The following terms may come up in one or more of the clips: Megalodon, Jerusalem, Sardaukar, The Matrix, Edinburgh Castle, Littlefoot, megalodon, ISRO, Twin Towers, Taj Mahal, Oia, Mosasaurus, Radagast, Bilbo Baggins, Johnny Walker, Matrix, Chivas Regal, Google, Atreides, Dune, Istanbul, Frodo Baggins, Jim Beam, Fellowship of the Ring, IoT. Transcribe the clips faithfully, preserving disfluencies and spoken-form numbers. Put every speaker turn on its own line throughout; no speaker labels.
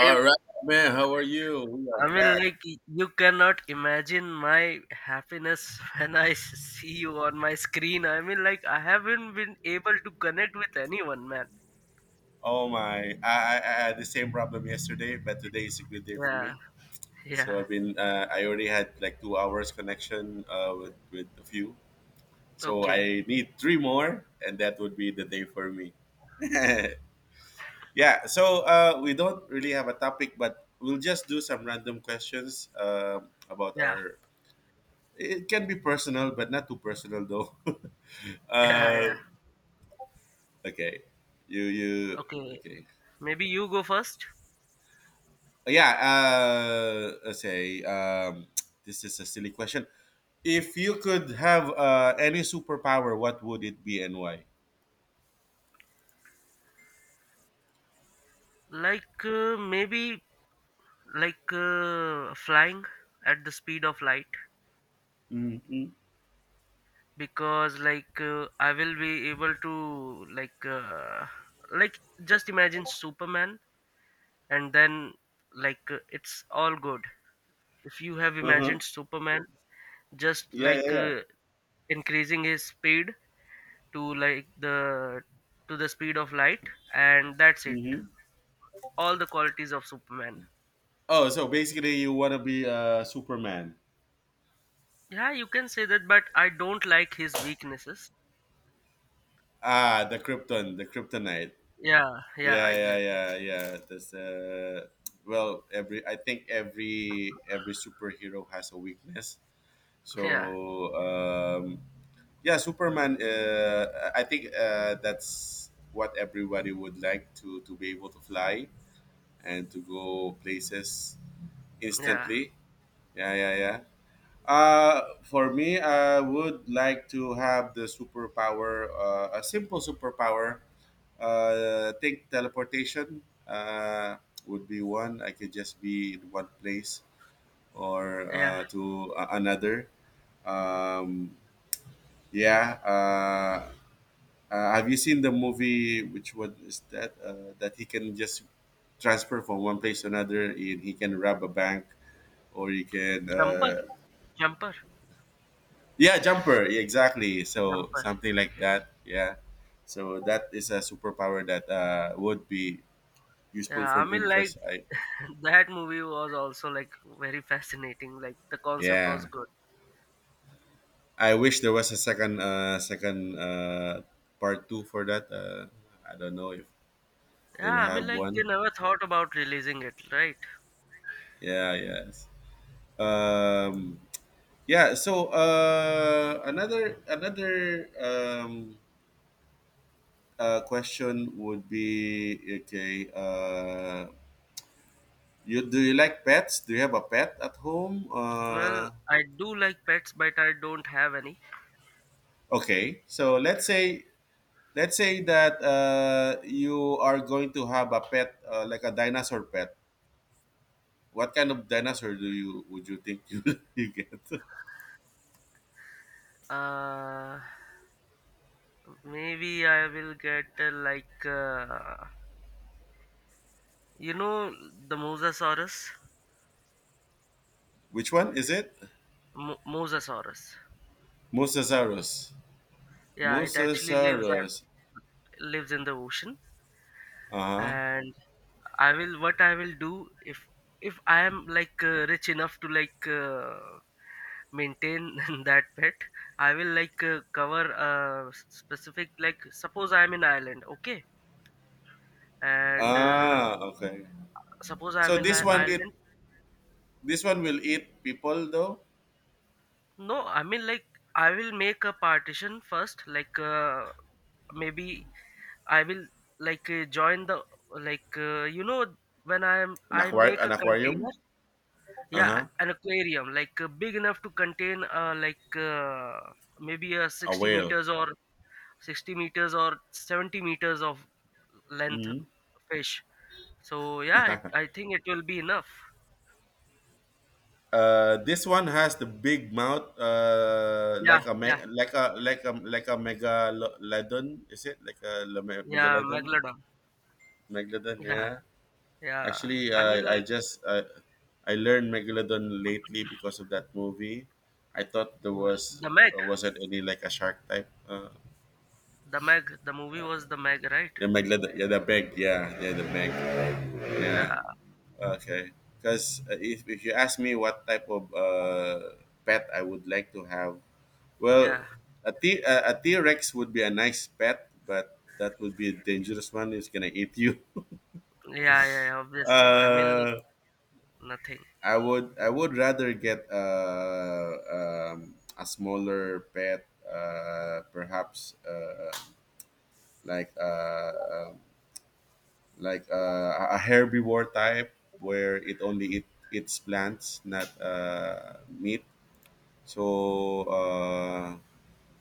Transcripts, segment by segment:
Same.
right, man. How are you? We are
I mean,
back.
like, y- you cannot imagine my happiness when I s- see you on my screen. I mean, like, I haven't been able to connect with anyone, man.
Oh my! I, I, I had the same problem yesterday, but today is a good day for
Yeah,
me. So
yeah.
I've been uh, I already had like two hours connection uh, with with a few. So
Okay.
I need three more, and that would be the day for me. Yeah. So uh, we don't really have a topic, but we'll just do some random questions uh, about
Yeah,
our. It can be personal, but not too personal though.
yeah, yeah.
uh, okay. You you
Okay.
okay.
Maybe you go first.
Yeah, uh say um this is a silly question. If you could have uh any superpower, what would it be, and why?
Like, uh, maybe, like, uh, flying at the speed of light.
Mm-hmm.
Because, like, uh, I will be able to, like, uh, like, just imagine Superman, and then like uh, it's all good if you have
Uh-huh.
imagined Superman, just
Yeah, yeah,
like
yeah.
uh, increasing his speed to like the to the speed of light, and that's it.
Mm-hmm.
All the qualities of Superman.
Oh, so basically you want to be uh Superman.
Yeah, you can say that, but I don't like his weaknesses.
Ah, the krypton, the kryptonite.
Yeah, yeah,
Yeah, yeah,
exactly.
yeah, yeah. that's uh Well, every I think every every superhero has a weakness.
Yeah,
so um, yeah, Superman, uh, I think, uh, that's what everybody would like to to be able to fly and to go places
yeah,
instantly. Yeah, yeah, yeah. Uh, for me, I would like to have the superpower, uh, a simple superpower, uh, think teleportation. Uh, would be one. I could just be in one place or
yeah.
uh, to a- another. um, yeah, uh, Uh, have you seen the movie? Which one is that? Uh, that he can just transfer from one place to another. And he can rob a bank, or he can.
Jumper.
Uh,
Jumper.
yeah, jumper. Yeah, exactly. So
Jumper.
something like that. Yeah. So that is a superpower that uh, would be useful
Yeah,
for
I
me
mean, like,
because I.
that movie was also, like, very fascinating. Like, the concept was
Yeah.
good.
I wish there was a second uh, second uh, part two for that. Uh, I don't know if
Yeah,
they'll
I mean,
have
like, they
one.
never thought about releasing it, right?
Yeah. Yes. Um. Yeah. So uh, another another um, uh, question would be okay. Uh, you Do you like pets? Do you have a pet at home?
Well,
Uh,
I do like pets, but I don't have any.
okay. So let's say let's say that uh, you are going to have a pet uh, like a dinosaur pet. What kind of dinosaur do you would you think you, you get?
Uh, maybe I will get uh, like, uh, you know, the Mosasaurus.
Which one is it?
Mo- Mosasaurus.
Mosasaurus.
Yeah, it actually lives at,
Mosasaurus.
lives in the ocean,
Uh huh.
and I will, what I will do if if I am, like, uh, rich enough to, like, uh, maintain that pet, I will, like, uh, cover a s- specific, like, suppose I am in Ireland, okay, and uh,
Ah, okay.
suppose I am
So
in
this
li-
one eat.
Ireland.
this one will eat people though.
No, I mean, like, I will make a partition first. Like, uh, maybe I will, like, uh, join the, like, uh, you know when I am,
An
I
aquari-
make
an
a
aquarium.
container.
Uh
Yeah,
huh.
an aquarium, like, uh, big enough to contain uh, like, uh, maybe a
A
sixty
whale.
meters, or sixty meters or seventy meters of length
Mhm.
fish. So yeah, it, I think it will be enough.
Uh, this one has the big mouth, uh,
Yeah,
like a
yeah,
me- like a like a like a megalodon. Is it like a le- me-
yeah,
megalodon?
Megalodon.
Megalodon,
Yeah,
yeah.
yeah.
Actually,
I mean,
I I
like,
just I, I learned megalodon lately because of that movie. I thought there
uh,
was
the Meg,
uh, wasn't any like a shark type. Uh,
the Meg, the movie was the Meg, right?
yeah, megalodon. Yeah, the big. Yeah, yeah, the big. Yeah.
Yeah,
Okay, because if, if you ask me what type of uh, pet I would like to have, well,
yeah,
a T a, a T Rex would be a nice pet, but that would be a dangerous one. It's gonna eat you.
yeah, yeah, yeah, obviously. I mean, like,
Uh,
nothing.
I would I would rather get uh, um, a smaller pet, uh, perhaps uh, like uh, um, like uh, a a herbivore type where it only eat, eats plants, not uh, meat. So uh,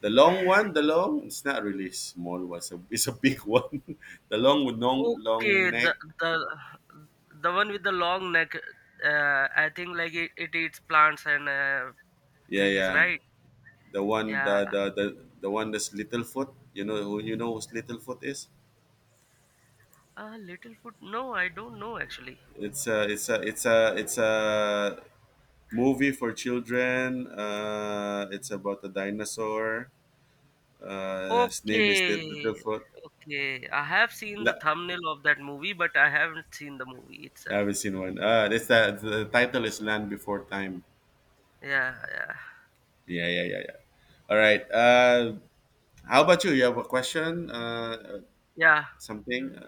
the long one, the long, it's not really small one. It's a, it's a big one. The long with long long
Okay, the
neck.
the the one with the long neck. Uh, I think like it, it eats plants and uh,
Yeah,
trees,
yeah.
right?
The one
Yeah.
the the the, the one that's Little Foot. You know who, you know who's Little Foot is.
Uh, Littlefoot. No, I don't know actually.
It's a it's a it's a it's a movie for children. Uh, it's about a dinosaur. Uh, his name is Lit-
Okay,
Littlefoot.
okay. I have seen the
La-
thumbnail of that movie, but I haven't seen the movie
I
itself.
haven't seen one. Uh, it's the, the title is Land Before Time.
Yeah, yeah,
Yeah, yeah, yeah, yeah. All right. Uh, how about you? You have a question? Uh, uh,
yeah.
something? Uh,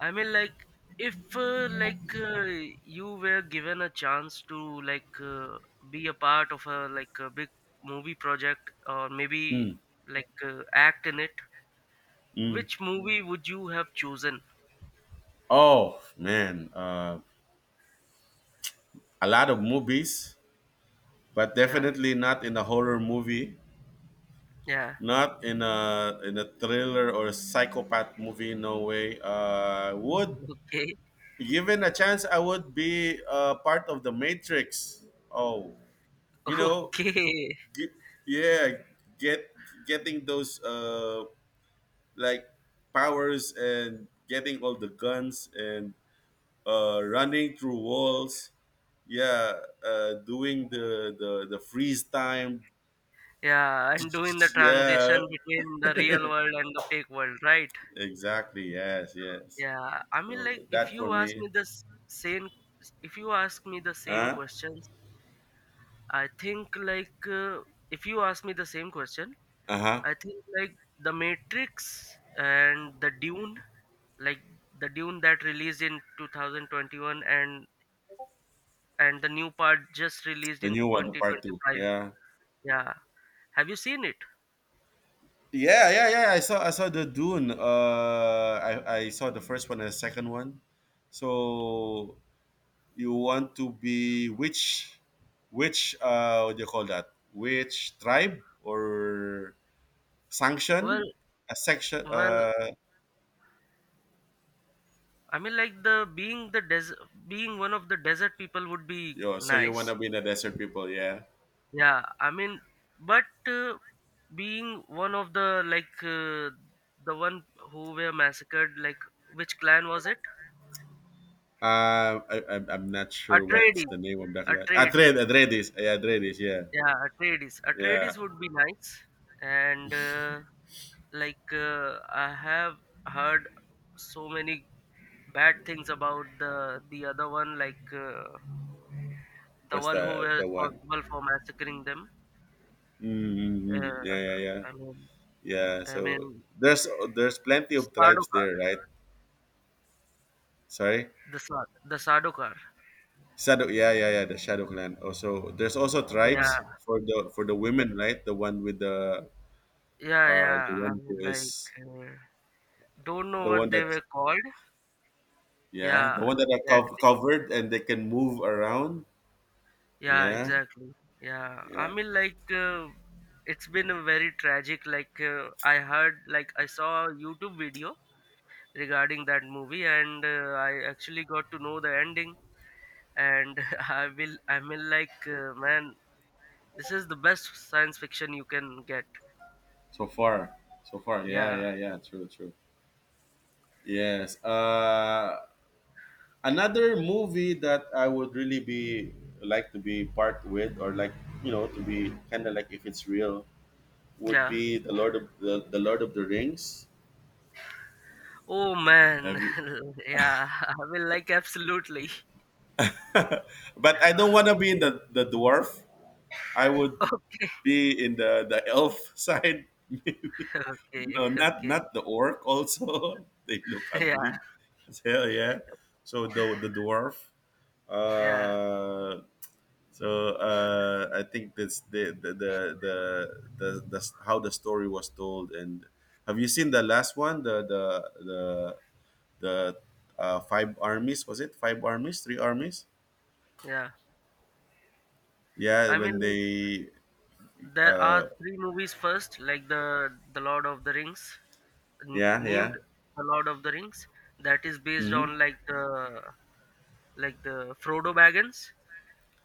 I mean, like, if uh, like, uh, you were given a chance to, like, uh, be a part of a, like, a big movie project, or maybe,
Mm,
like, uh, act in it,
mm.
which movie would you have chosen?
Oh man, uh, a lot of movies, but
Yeah,
definitely not in a horror movie,
yeah.
not in a in a thriller or a psychopath movie. No way. Uh, would
Okay,
Given a chance, I would be uh, part of the Matrix. Oh, you know,
okay.
ge- yeah, get getting those uh like powers and getting all the guns and uh, running through walls. Yeah, uh, doing the, the the freeze time.
Yeah, and doing the
Yeah,
transition between the real world and the fake world, right?
exactly. Yes, yes.
Yeah. I mean,
So
like, if
that for
you ask
me.
me this same, if you ask me the same
Huh?
questions, I think, like, uh, if you ask me the same question,
Uh huh.
I think like The Matrix and The Dune, like The Dune that released in two thousand twenty-one and and the new part just released
The
in
new one, the part two.
twenty twenty-five.
Yeah.
Yeah. Have you seen it?
Yeah, yeah, yeah. I saw I saw the Dune. Uh, I I saw the first one and the second one. So you want to be which which uh what do you call that which tribe or
Well,
sanction a section
well,
uh
I mean, like, the being the des being one of the desert people would be
yo, so you want to
nice.
be the desert people, yeah.
Yeah, I mean, but uh, being one of the, like, uh, the one who were massacred, like, which clan was it?
Uh, I, I'm, I'm not sure what's
Atreides.
the name of that clan.
Atreides.
Adred Adredis, yeah, Adredis, yeah.
Yeah, Atreides.
Yeah,
Atreides would be nice, and uh, like, uh, I have heard so many bad things about the the other one, like, uh, the
what's
one who
the
were
the one?
responsible for massacring them. Uh,
Mm, yeah, yeah, yeah,
I mean,
yeah.
I
So
mean,
there's, there's plenty of tribes
Sardaukar.
there, right? Sorry.
The Sard the Sardaukar.
Shadow, yeah, yeah, yeah, the Shadow Clan. Also, there's also
Yeah.
tribes for the, for the women, right? The one with the,
Yeah,
uh, the
yeah. I
one
mean,
who
like,
is
uh, don't know
the
what
one
they
that
were called.
yeah, the
Yeah,
one that are cov-
exactly.
covered and they can move around.
Yeah,
Yeah,
exactly. Yeah. I
yeah.
mean, like, uh, it's been a very tragic. Like, uh, I heard, like, I saw a YouTube video regarding that movie, and uh, I actually got to know the ending. And I will, I mean, like, uh, man, this is the best science fiction you can get.
So far, so far, yeah,
Yeah,
yeah, yeah. True, true. Yes. Uh, another movie that I would really be like to be part with, or like, you know, to be kind of like if it's real, would
yeah.
be the Lord of the, the Lord of the Rings.
Oh man,
Have you?
yeah. I will, like, absolutely.
But I don't want to be in the, the dwarf. I would
Okay.
be in the, the elf side, maybe.
Okay,
No, not
okay.
not the orc. Also, they look
Yeah,
ugly as hell. Yeah! So the the dwarf.
yeah,
Uh, so uh, I think that's the the, the the the the how the story was told. And have you seen the last one? The the the the uh, five armies was it five armies three armies
yeah.
Yeah,
I mean,
when
like,
they
there
uh,
are three movies first, like the the Lord of the Rings, n-
yeah,
named
yeah.
the Lord of the Rings. That is based
Hmm.
on, like, the like the Frodo Baggins.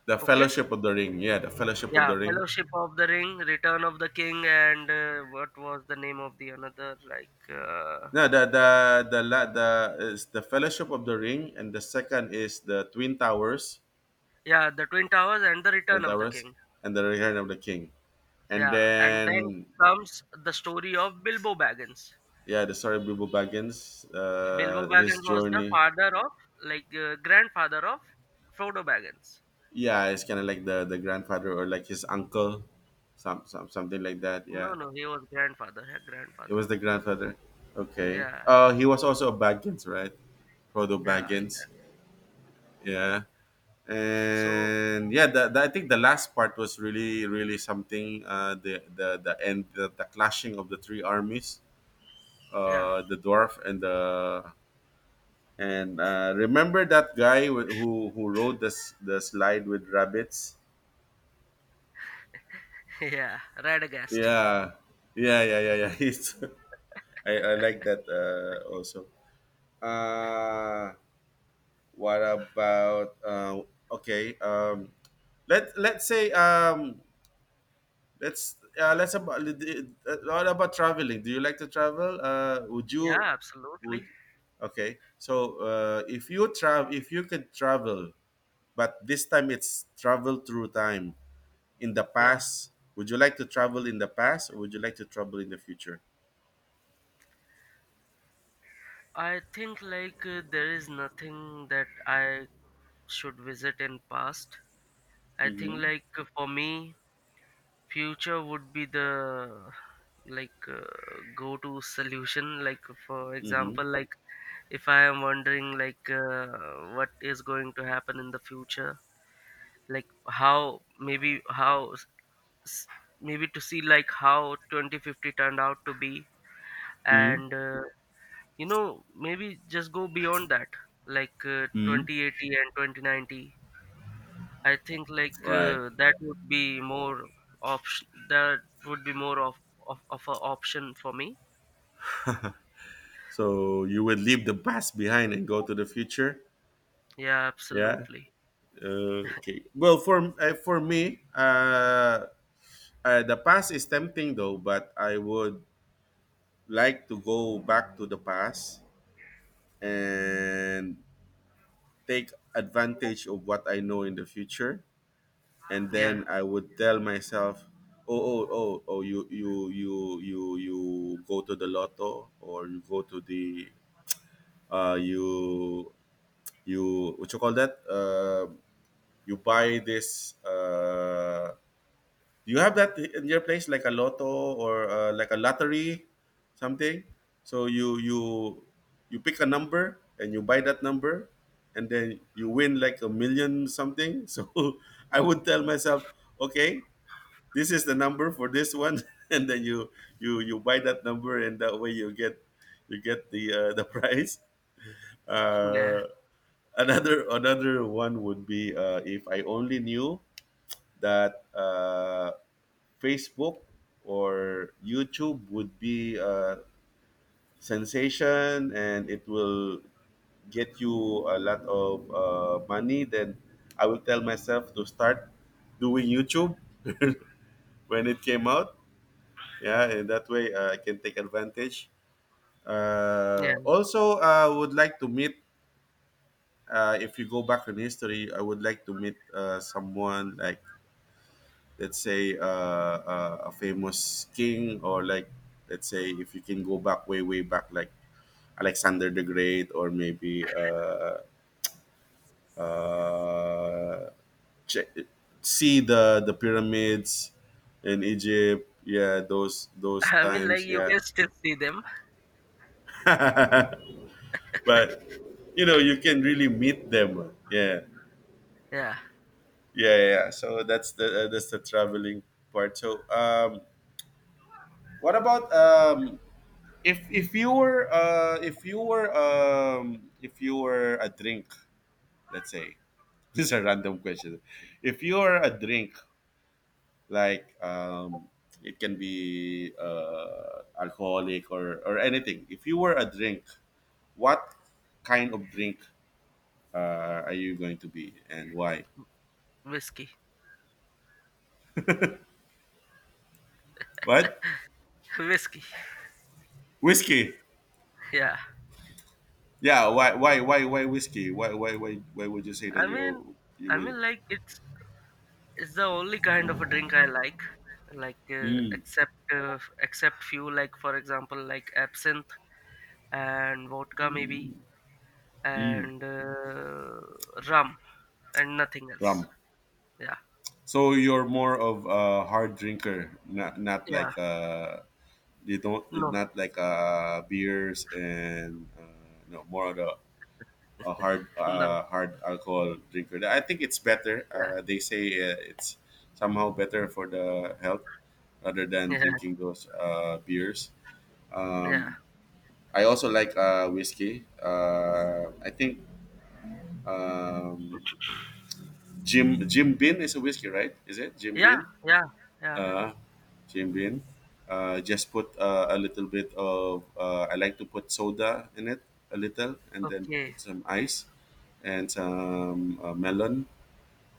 The
Okay,
Fellowship of the Ring. Yeah, the Fellowship of
yeah,
the Ring.
Fellowship of the Ring, Return of the King, and uh, what was the name of the another, like, uh,
No, the the the la- the is the Fellowship of the Ring, and the second is the Twin Towers,
yeah, the Twin Towers and the Return
Twin
of the
Towers,
King.
and the Return of the King. And
Yeah, and then
then,
comes the story of Bilbo Baggins.
yeah, the story of Bilbo Baggins,
Bilbo
uh, his
Baggins was the
journey.
father of, like, uh, grandfather of Frodo Baggins.
Yeah, it's kind of like the the grandfather or like his uncle, some, some something like that.
No,
Yeah,
no, he was grandfather. Yeah,
it
grandfather.
was the grandfather. Okay.
Yeah,
Uh, he was also a Baggins, right? Frodo
yeah, exactly.
Baggins. Yeah.
So,
And yeah, the, the, I think the last part was really, really something. Uh the the the end, the, the clashing of the three armies,
yeah,
uh the dwarf and the. And uh remember that guy wh- who who rode this the slide with rabbits?
yeah, Radagast.
Yeah, yeah, yeah, yeah, yeah. It's, I, I like that uh also. Uh what about uh okay um let let's say um Let's, uh, let's about what about traveling? Do you like to travel? Uh, would
Yeah,
you would
absolutely.
Okay? So uh, if you travel, if you could travel, but this time it's travel through time in the
Yeah,
past. Would you like to travel in the past, or would you like to travel in the future?
I think, like, uh, there is nothing that I should visit in past. I think,
Mm-hmm.
like, uh, for me, future would be the, like, uh, go to solution. Like, for
Mm-hmm.
example, like, if I am wondering, like, uh, what is going to happen in the future, like, how, maybe how s- s- maybe to see like how twenty fifty turned out to be,
Mm-hmm.
and uh, you know maybe just go beyond that, like, uh, twenty eighty and twenty ninety. I think, like,
Right.
uh, that would be more option. That would be more of of, of an option for me.
So you would leave the past behind and go to the future.
Yeah,
Yeah.
absolutely.
Uh, okay. Well, for uh, for me, uh, Uh, the past is tempting though, but I would like to go back to the past and take advantage of what I know in the future. And
Yeah,
then I would tell myself, oh, oh, oh, oh, you, you, you, you, you go to the lotto, or you go to the, uh, you, you, what you call that? Uh, you buy this, uh, do you have that in your place, like a lotto or uh, like a lottery, something? So you you you pick a number and you buy that number, and then you win like a million something. So I would tell myself, okay, this is the number for this one, and then you you you buy that number, and that way you get, you get the uh, the prize.
yeah,
Uh, another another one would be, uh, if I only knew that. Uh, Facebook or YouTube would be a sensation and it will get you a lot of uh, money, then I will tell myself to start doing YouTube when it came out. Yeah, and that way uh, I can take advantage. Uh,
yeah.
also, uh, I would like to meet, uh, if you go back in history, I would like to meet uh, someone like, let's say uh, uh, a famous king, or like, let's say if you can go back way, way back, like Alexander the Great, or maybe uh, uh, che- see the the pyramids in Egypt, yeah, those those
I mean, like,
times,
you
yeah.
can still see them.
But you know you can really meet them. Yeah,
Yeah.
yeah, yeah, yeah. So that's the uh, that's the traveling part. So um what about um if if you were uh if you were um if you were a drink, let's say. This is a random question. If you are a drink, like um it can be uh alcoholic or or anything. If you were a drink, what kind of drink uh are you going to be, and why?
Whiskey.
What?
Whiskey.
Whiskey?
Yeah.
Yeah, why why why why whiskey? Why why why why would you say that
I
you
mean,
you
I
will?
mean, like, it's it's the only kind of a drink I like. Like, uh,
Mm,
except uh, f- except few, like, for example like absinthe and vodka maybe
mm,
and uh, rum and nothing else.
rum.
Yeah.
So you're more of a hard drinker, not not
Yeah.
like uh you don't,
No.
not like uh beers and uh, no, more of a, a hard
No.
uh hard alcohol drinker. I think it's better.
Yeah.
Uh, they say uh, it's somehow better for the health rather than
Yeah.
drinking those uh beers.
Yeah.
Um, I also like uh whiskey. Uh, I think um Jim Jim Beam is a whiskey, right? Is it Jim
Yeah.
Beam?
Yeah. Yeah.
uh, Came in. Uh, just put uh, a little bit of, uh, I like to put soda in it, a little, and then
Okay.
put some ice and some uh, melon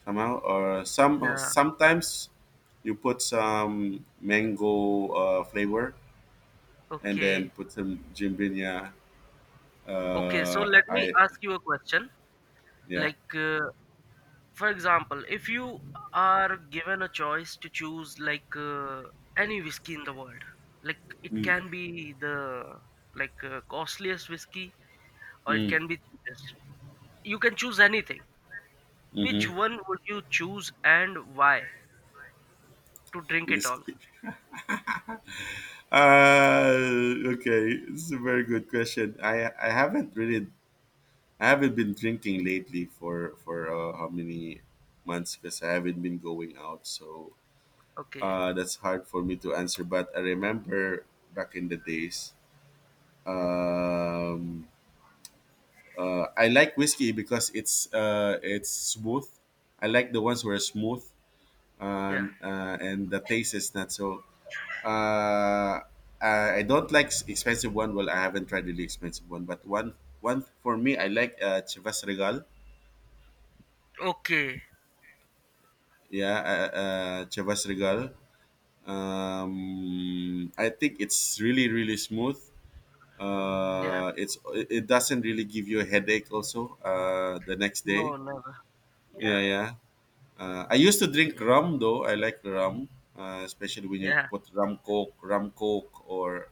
somehow. Or some uh,
Yeah.
sometimes you put some mango uh, flavor and
Okay.
then put some jimbinya.
Okay. So
Uh,
let me
I,
ask you a question.
yeah.
Like, uh, for example, if you are given a choice to choose, like, uh, any whiskey in the world, like it
Mm.
can be the, like, uh, costliest whiskey, or it
Mm.
can be cheapest, you can choose anything, which
Mm-hmm.
one would you choose and why, to drink it all?
Whiskey. Uh, okay, it's a very good question. I I haven't really, I haven't been drinking lately for for uh, how many months, because I haven't been going out. So
Okay.
uh, that's hard for me to answer. But I remember back in the days, um, uh, I like whiskey because it's uh, it's smooth. I like the ones who are smooth,
Yeah.
and uh, and the taste is not so. Uh, I I don't like s- expensive one. Well, I haven't tried really expensive one, but one, one for me, I like uh, Chivas Regal.
Okay.
Yeah, uh, uh, Chivas Regal. Um, I think it's really really smooth.
Yeah.
Uh, it's, it doesn't really give you a headache also uh, the next
No,
day.
never.
Yeah,
Yeah,
yeah. Uh, I used to drink rum though. I like rum, uh, especially when you
yeah,
put rum coke, rum coke, or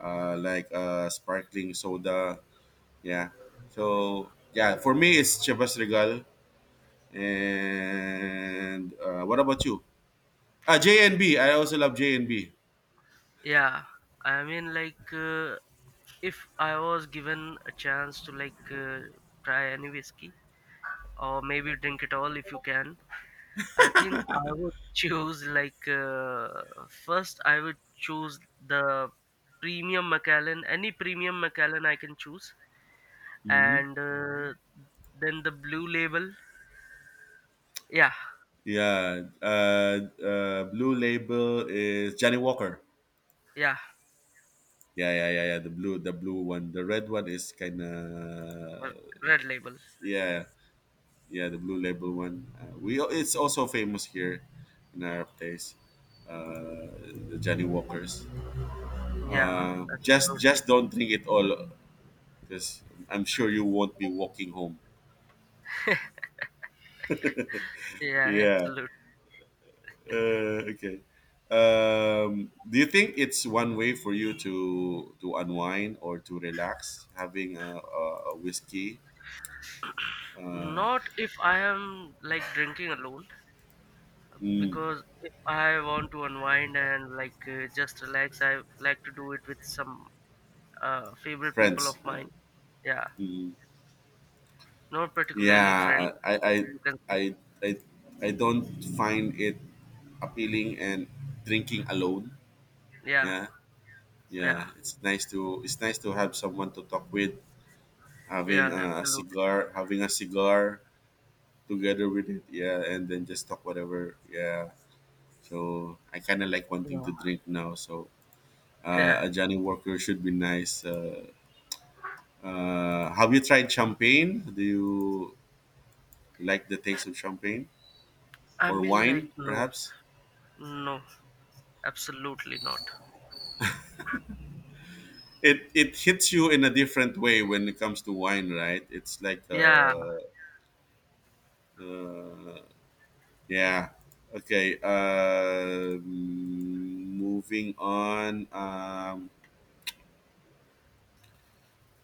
uh, like uh, sparkling soda. Yeah. So yeah, for me it's Chivas Regal. And uh, what about you? Ah, J and B. I also love J N B.
yeah. I mean, like, uh, if I was given a chance to, like, uh, try any whiskey or maybe drink it all if you can. I think I would choose, like, uh, first I would choose the premium Macallan, any premium Macallan I can choose,
Mm-hmm.
and uh, then the blue label. Yeah,
Yeah. Uh, uh, blue label is Johnny Walker.
yeah,
Yeah, yeah, yeah, yeah. The blue, the blue one. The red one is kind of,
or red label.
yeah, yeah. The blue label one. Uh, we it's also famous here in our place. Uh, the Johnny Walkers.
Yeah,
Uh, just
absolutely.
just don't drink it all, because I'm sure you won't be walking home.
Yeah,
Yeah.
absolutely.
Uh, okay. Um, do you think it's one way for you to to unwind or to relax, having a, a, a whiskey? Uh,
Not if I am, like, drinking alone,
mm,
because if I want to unwind and, like, uh, just relax, I like to do it with some uh, favorite people of
friends. Uh,
mine. Yeah,
mm,
not particularly friend,
yeah, I,
but
I
you can say,
I I I don't find it appealing and drinking alone.
yeah,
Yeah,
yeah,
yeah. It's nice to, it's nice to have someone to talk with, having
yeah,
a
absolutely.
cigar, having a cigar together with it. Yeah, and then just talk whatever. Yeah. So I kind of like wanting
Yeah,
to drink now. So uh,
yeah.
a Johnny Walker should be nice. Uh, uh, have you tried champagne? Do you like the taste of champagne
I
or
mean, like,
wine,
no,
perhaps?
no, absolutely not.
It it hits you in a different way when it comes to wine, right? It's like
Yeah,
uh, uh yeah. Okay. Uh, moving on. Um,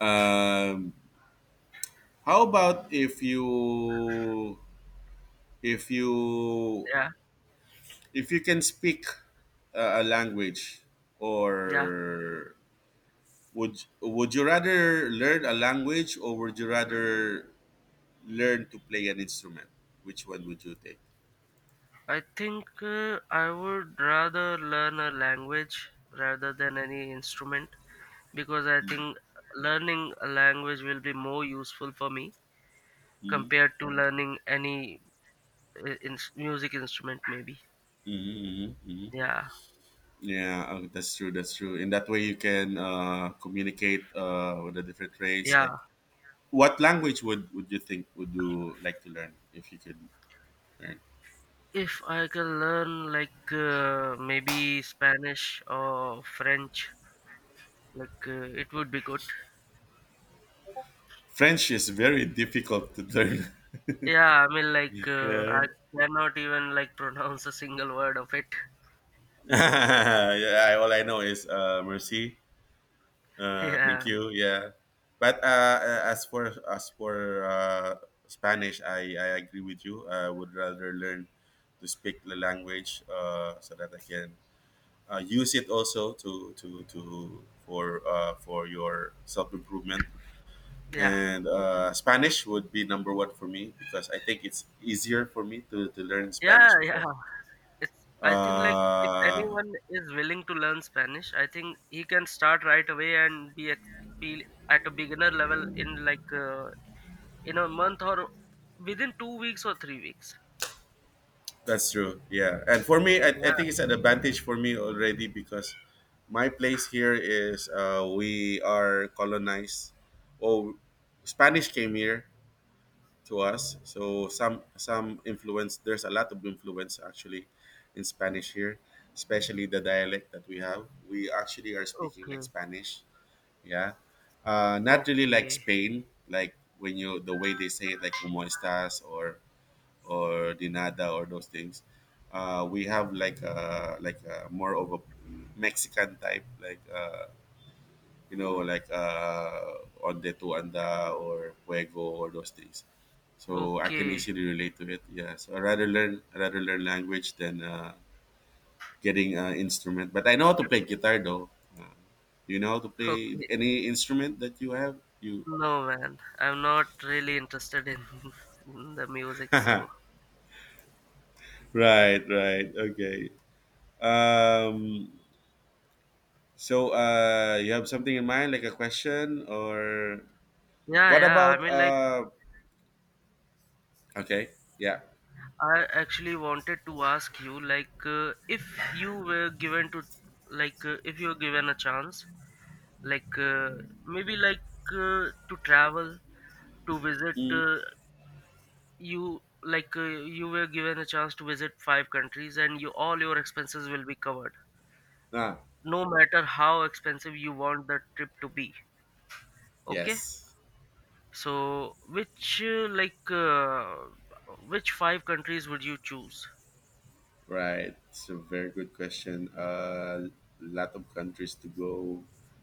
um, how about if you, if you,
yeah,
if you can speak a, a language
yeah.
or would would you rather learn a language or would you rather learn to play an instrument, which one would you take?
I think uh, I would rather learn a language rather than any instrument, because I think learning a language will be more useful for me
Mm-hmm,
compared to learning any uh, in- music instrument, maybe.
hmm hmm.
Yeah,
Yeah, uh, that's true, that's true. In that way you can uh, communicate uh, with the different race.
yeah.
Like, what language would would you think, would you like to learn if you could learn?
If I can learn, like, uh, maybe Spanish or French, like, uh, it would be good.
French is very difficult to learn.
Yeah, I mean, like, uh,
Yeah.
I cannot even, like, pronounce a single word of it.
Yeah, I, all I know is uh, mercy. Uh, thank
Yeah,
you. Yeah, but uh, as for as for uh, Spanish, I, I agree with you. I would rather learn to speak the language uh, so that I can uh, use it also to to to for uh, for your self improvement.
yeah,
And uh, Spanish would be number one for me, because I think it's easier for me to, to learn Spanish
yeah, yeah.
because
It's, I think, like, if
uh,
anyone is willing to learn Spanish, I think he can start right away and be ex- be at a beginner level in, like, uh, in a month, or within two weeks or three weeks.
that's true. Yeah. And for me, I, I
Yeah.
think it's an advantage for me already, because my place here is uh, we are colonized. Oh, Spanish came here to us. So some some influence, there's a lot of influence actually in Spanish here, especially the dialect that we have. We actually are speaking like
Okay.
Spanish. Yeah. Uh, not really like
Okay.
Spain, like when you, the way they say it, like "como estás" or or the nada or those things. Uh, we have like uh like uh more of a Mexican type, like uh, you know, like uh, onde tu anda or fuego or those things. So I can
Okay.
easily relate to it. Yeah. So I rather learn I rather learn language than uh, getting an instrument. But I know how to play guitar though. Uh, do you know how to play
Okay.
any instrument that you have? You,
No, man. I'm not really interested in, in the music. So,
right, right, okay. Um, So, uh, you have something in mind, like a question, or
yeah,
what
yeah. I
about?
mean, like,
Uh, okay, yeah.
I actually wanted to ask you, like, uh, if you were given to, like, uh, if you were given a chance, like, uh, maybe, like, uh, to travel, to visit,
Mm.
uh, you, like, uh, you were given a chance to visit five countries, and you, all your expenses will be covered,
Ah,
no matter how expensive you want the trip to be. Okay?
yes,
So, which uh, like, uh, which five countries would you choose?
right. It's a very good question. A lot of countries to go,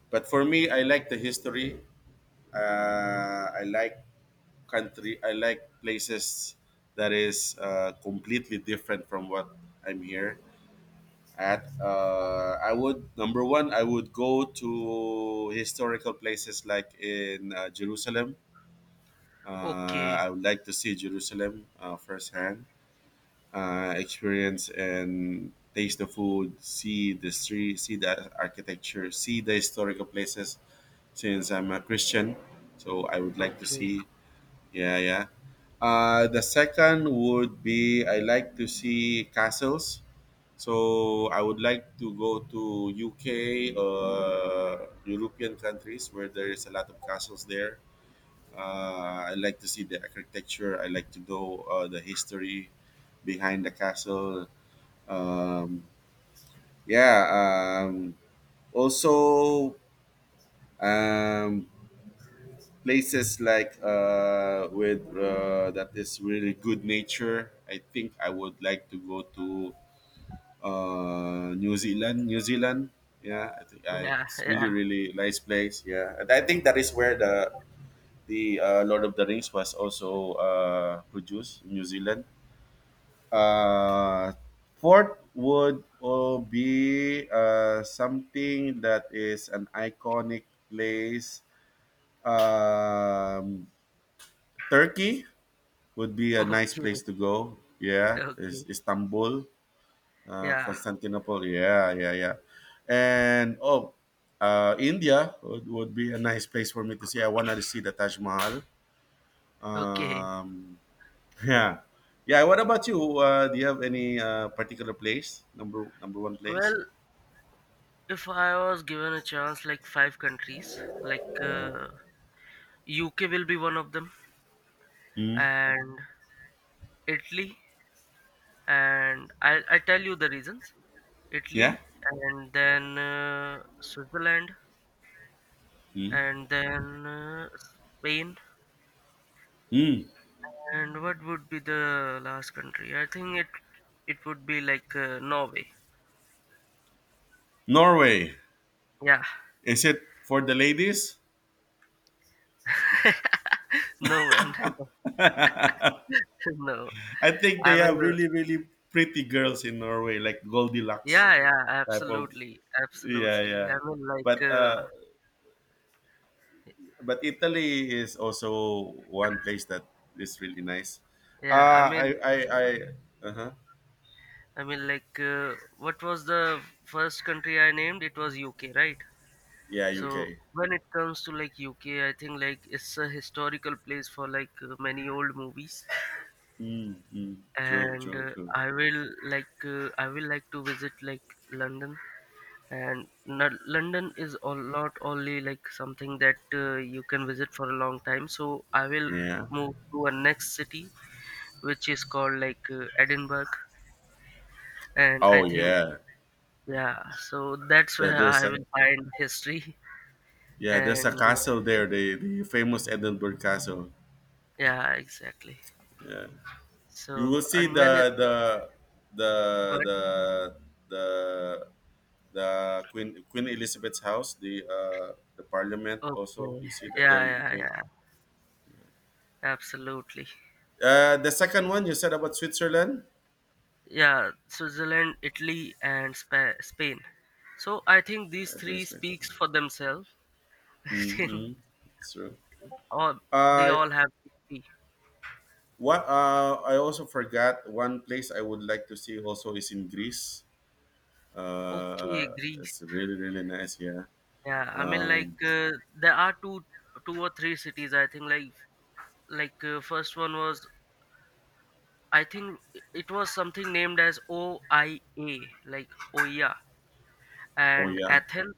but for me, I like the history. Uh, I like country, I like places that is uh, completely different from what I'm here. At uh, I would, number one, I would go to historical places like in uh, Jerusalem. Uh,
Okay,
I would like to see Jerusalem uh, firsthand, uh, experience and taste the food, see the street, see the architecture, see the historical places. Since I'm a Christian, so I would like to
okay,
see, yeah, yeah. Uh, the second would be, I like to see castles. So I would like to go to U K or European countries where there is a lot of castles there. Uh, I like to see the architecture. I like to know uh, the history behind the castle. Um, yeah. Um, also, um, places like uh, with uh, that is really good nature. I think I would like to go to uh, New Zealand. New Zealand, yeah, I think I,
yeah,
it's
yeah,
really really nice place. Yeah, and I think that is where the the uh, Lord of the Rings was also uh, produced in New Zealand. Uh, Fourth would uh, be uh, something that is an iconic place. Um, Turkey would be a
okay,
nice place to go. Yeah, is
okay,
Istanbul, uh,
yeah,
Constantinople. Yeah, yeah, yeah. And oh, uh, India would, would be a nice place for me to see. I wanted to see the Taj Mahal.
okay.
Um, yeah, yeah. What about you? Uh, do you have any uh, particular place? Number, number one place?
Well, if I was given a chance, like, five countries, like, uh, U K will be one of them,
Mm.
and Italy, and I I tell you the reasons.
Yeah.
Italy, and then uh, Switzerland,
Mm.
and then uh, Spain.
Mm.
And what would be the last country? I think it it would be, like, uh, Norway.
Norway.
Yeah,
Is it for the ladies?
no man, no.
I think they
I mean,
have
uh,
really, really pretty girls in Norway, like Goldilocks
yeah, yeah,
type of.
absolutely,
Yeah,
absolutely. I
yeah.
mean, like,
But
uh,
uh, but Italy is also one place that is really nice.
yeah, I
Uh, I,
mean,
I, I, uh-huh.
I mean, like, uh, what was the first country I named? It was U K, right?
Yeah,
So
U K.
when it comes to like U K, I think like it's a historical place for, like, uh, many old movies,
Mm, mm, true,
and
true,
uh,
true.
I will, like, uh, I will like to visit, like, London. And N- london is a lot only, like, something that uh, you can visit for a long time, so I will
Yeah.
move to a next city, which is called, like, uh, edinburgh, and I
Oh,
think,
yeah.
yeah, so that's
The,
where
there's
I
a,
will find history.
yeah, there's a
And uh,
castle
yeah,
there, the, the famous Edinburgh Castle.
yeah, exactly.
Yeah. You will
So,
see
and
the
when is,
the the
but,
the the the Queen Queen Elizabeth's house, the uh the Parliament
okay,
also. You see that
yeah,
there in
yeah,
U K.
yeah, absolutely,
Uh, the second one you said about Switzerland.
yeah, Switzerland, Italy, and Spa- spain, so I think these
I didn't
three
speak.
speaks for themselves. I think
Mm-hmm. It's true.
all they
I
all have beauty.
what uh, I also forgot one place I would like to see also is in Greece.
Okay,
Uh,
Greece.
it's really really nice. Yeah.
Yeah, I mean, like,
Um,
uh, there are two, two or three cities, I think, like like uh, first one was, I think it was something named as O I A, like Oia
oh
and
yeah,
Athens,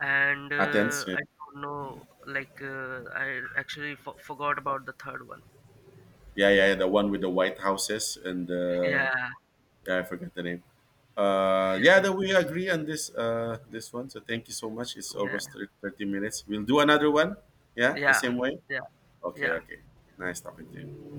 and
Athens.
uh,
Yeah.
I don't know, like, uh, I actually fo forgot about the third one.
Yeah, yeah, yeah, the one with the white houses and uh,
Yeah,
yeah, I forgot the name. Uh, yeah, that we agree on this uh, this one. So thank you so much. It's
yeah,
almost thir- thirty minutes. We'll do another one. Yeah, the
yeah,
same way.
yeah.
Okay,
yeah.
okay. Nice talking to you.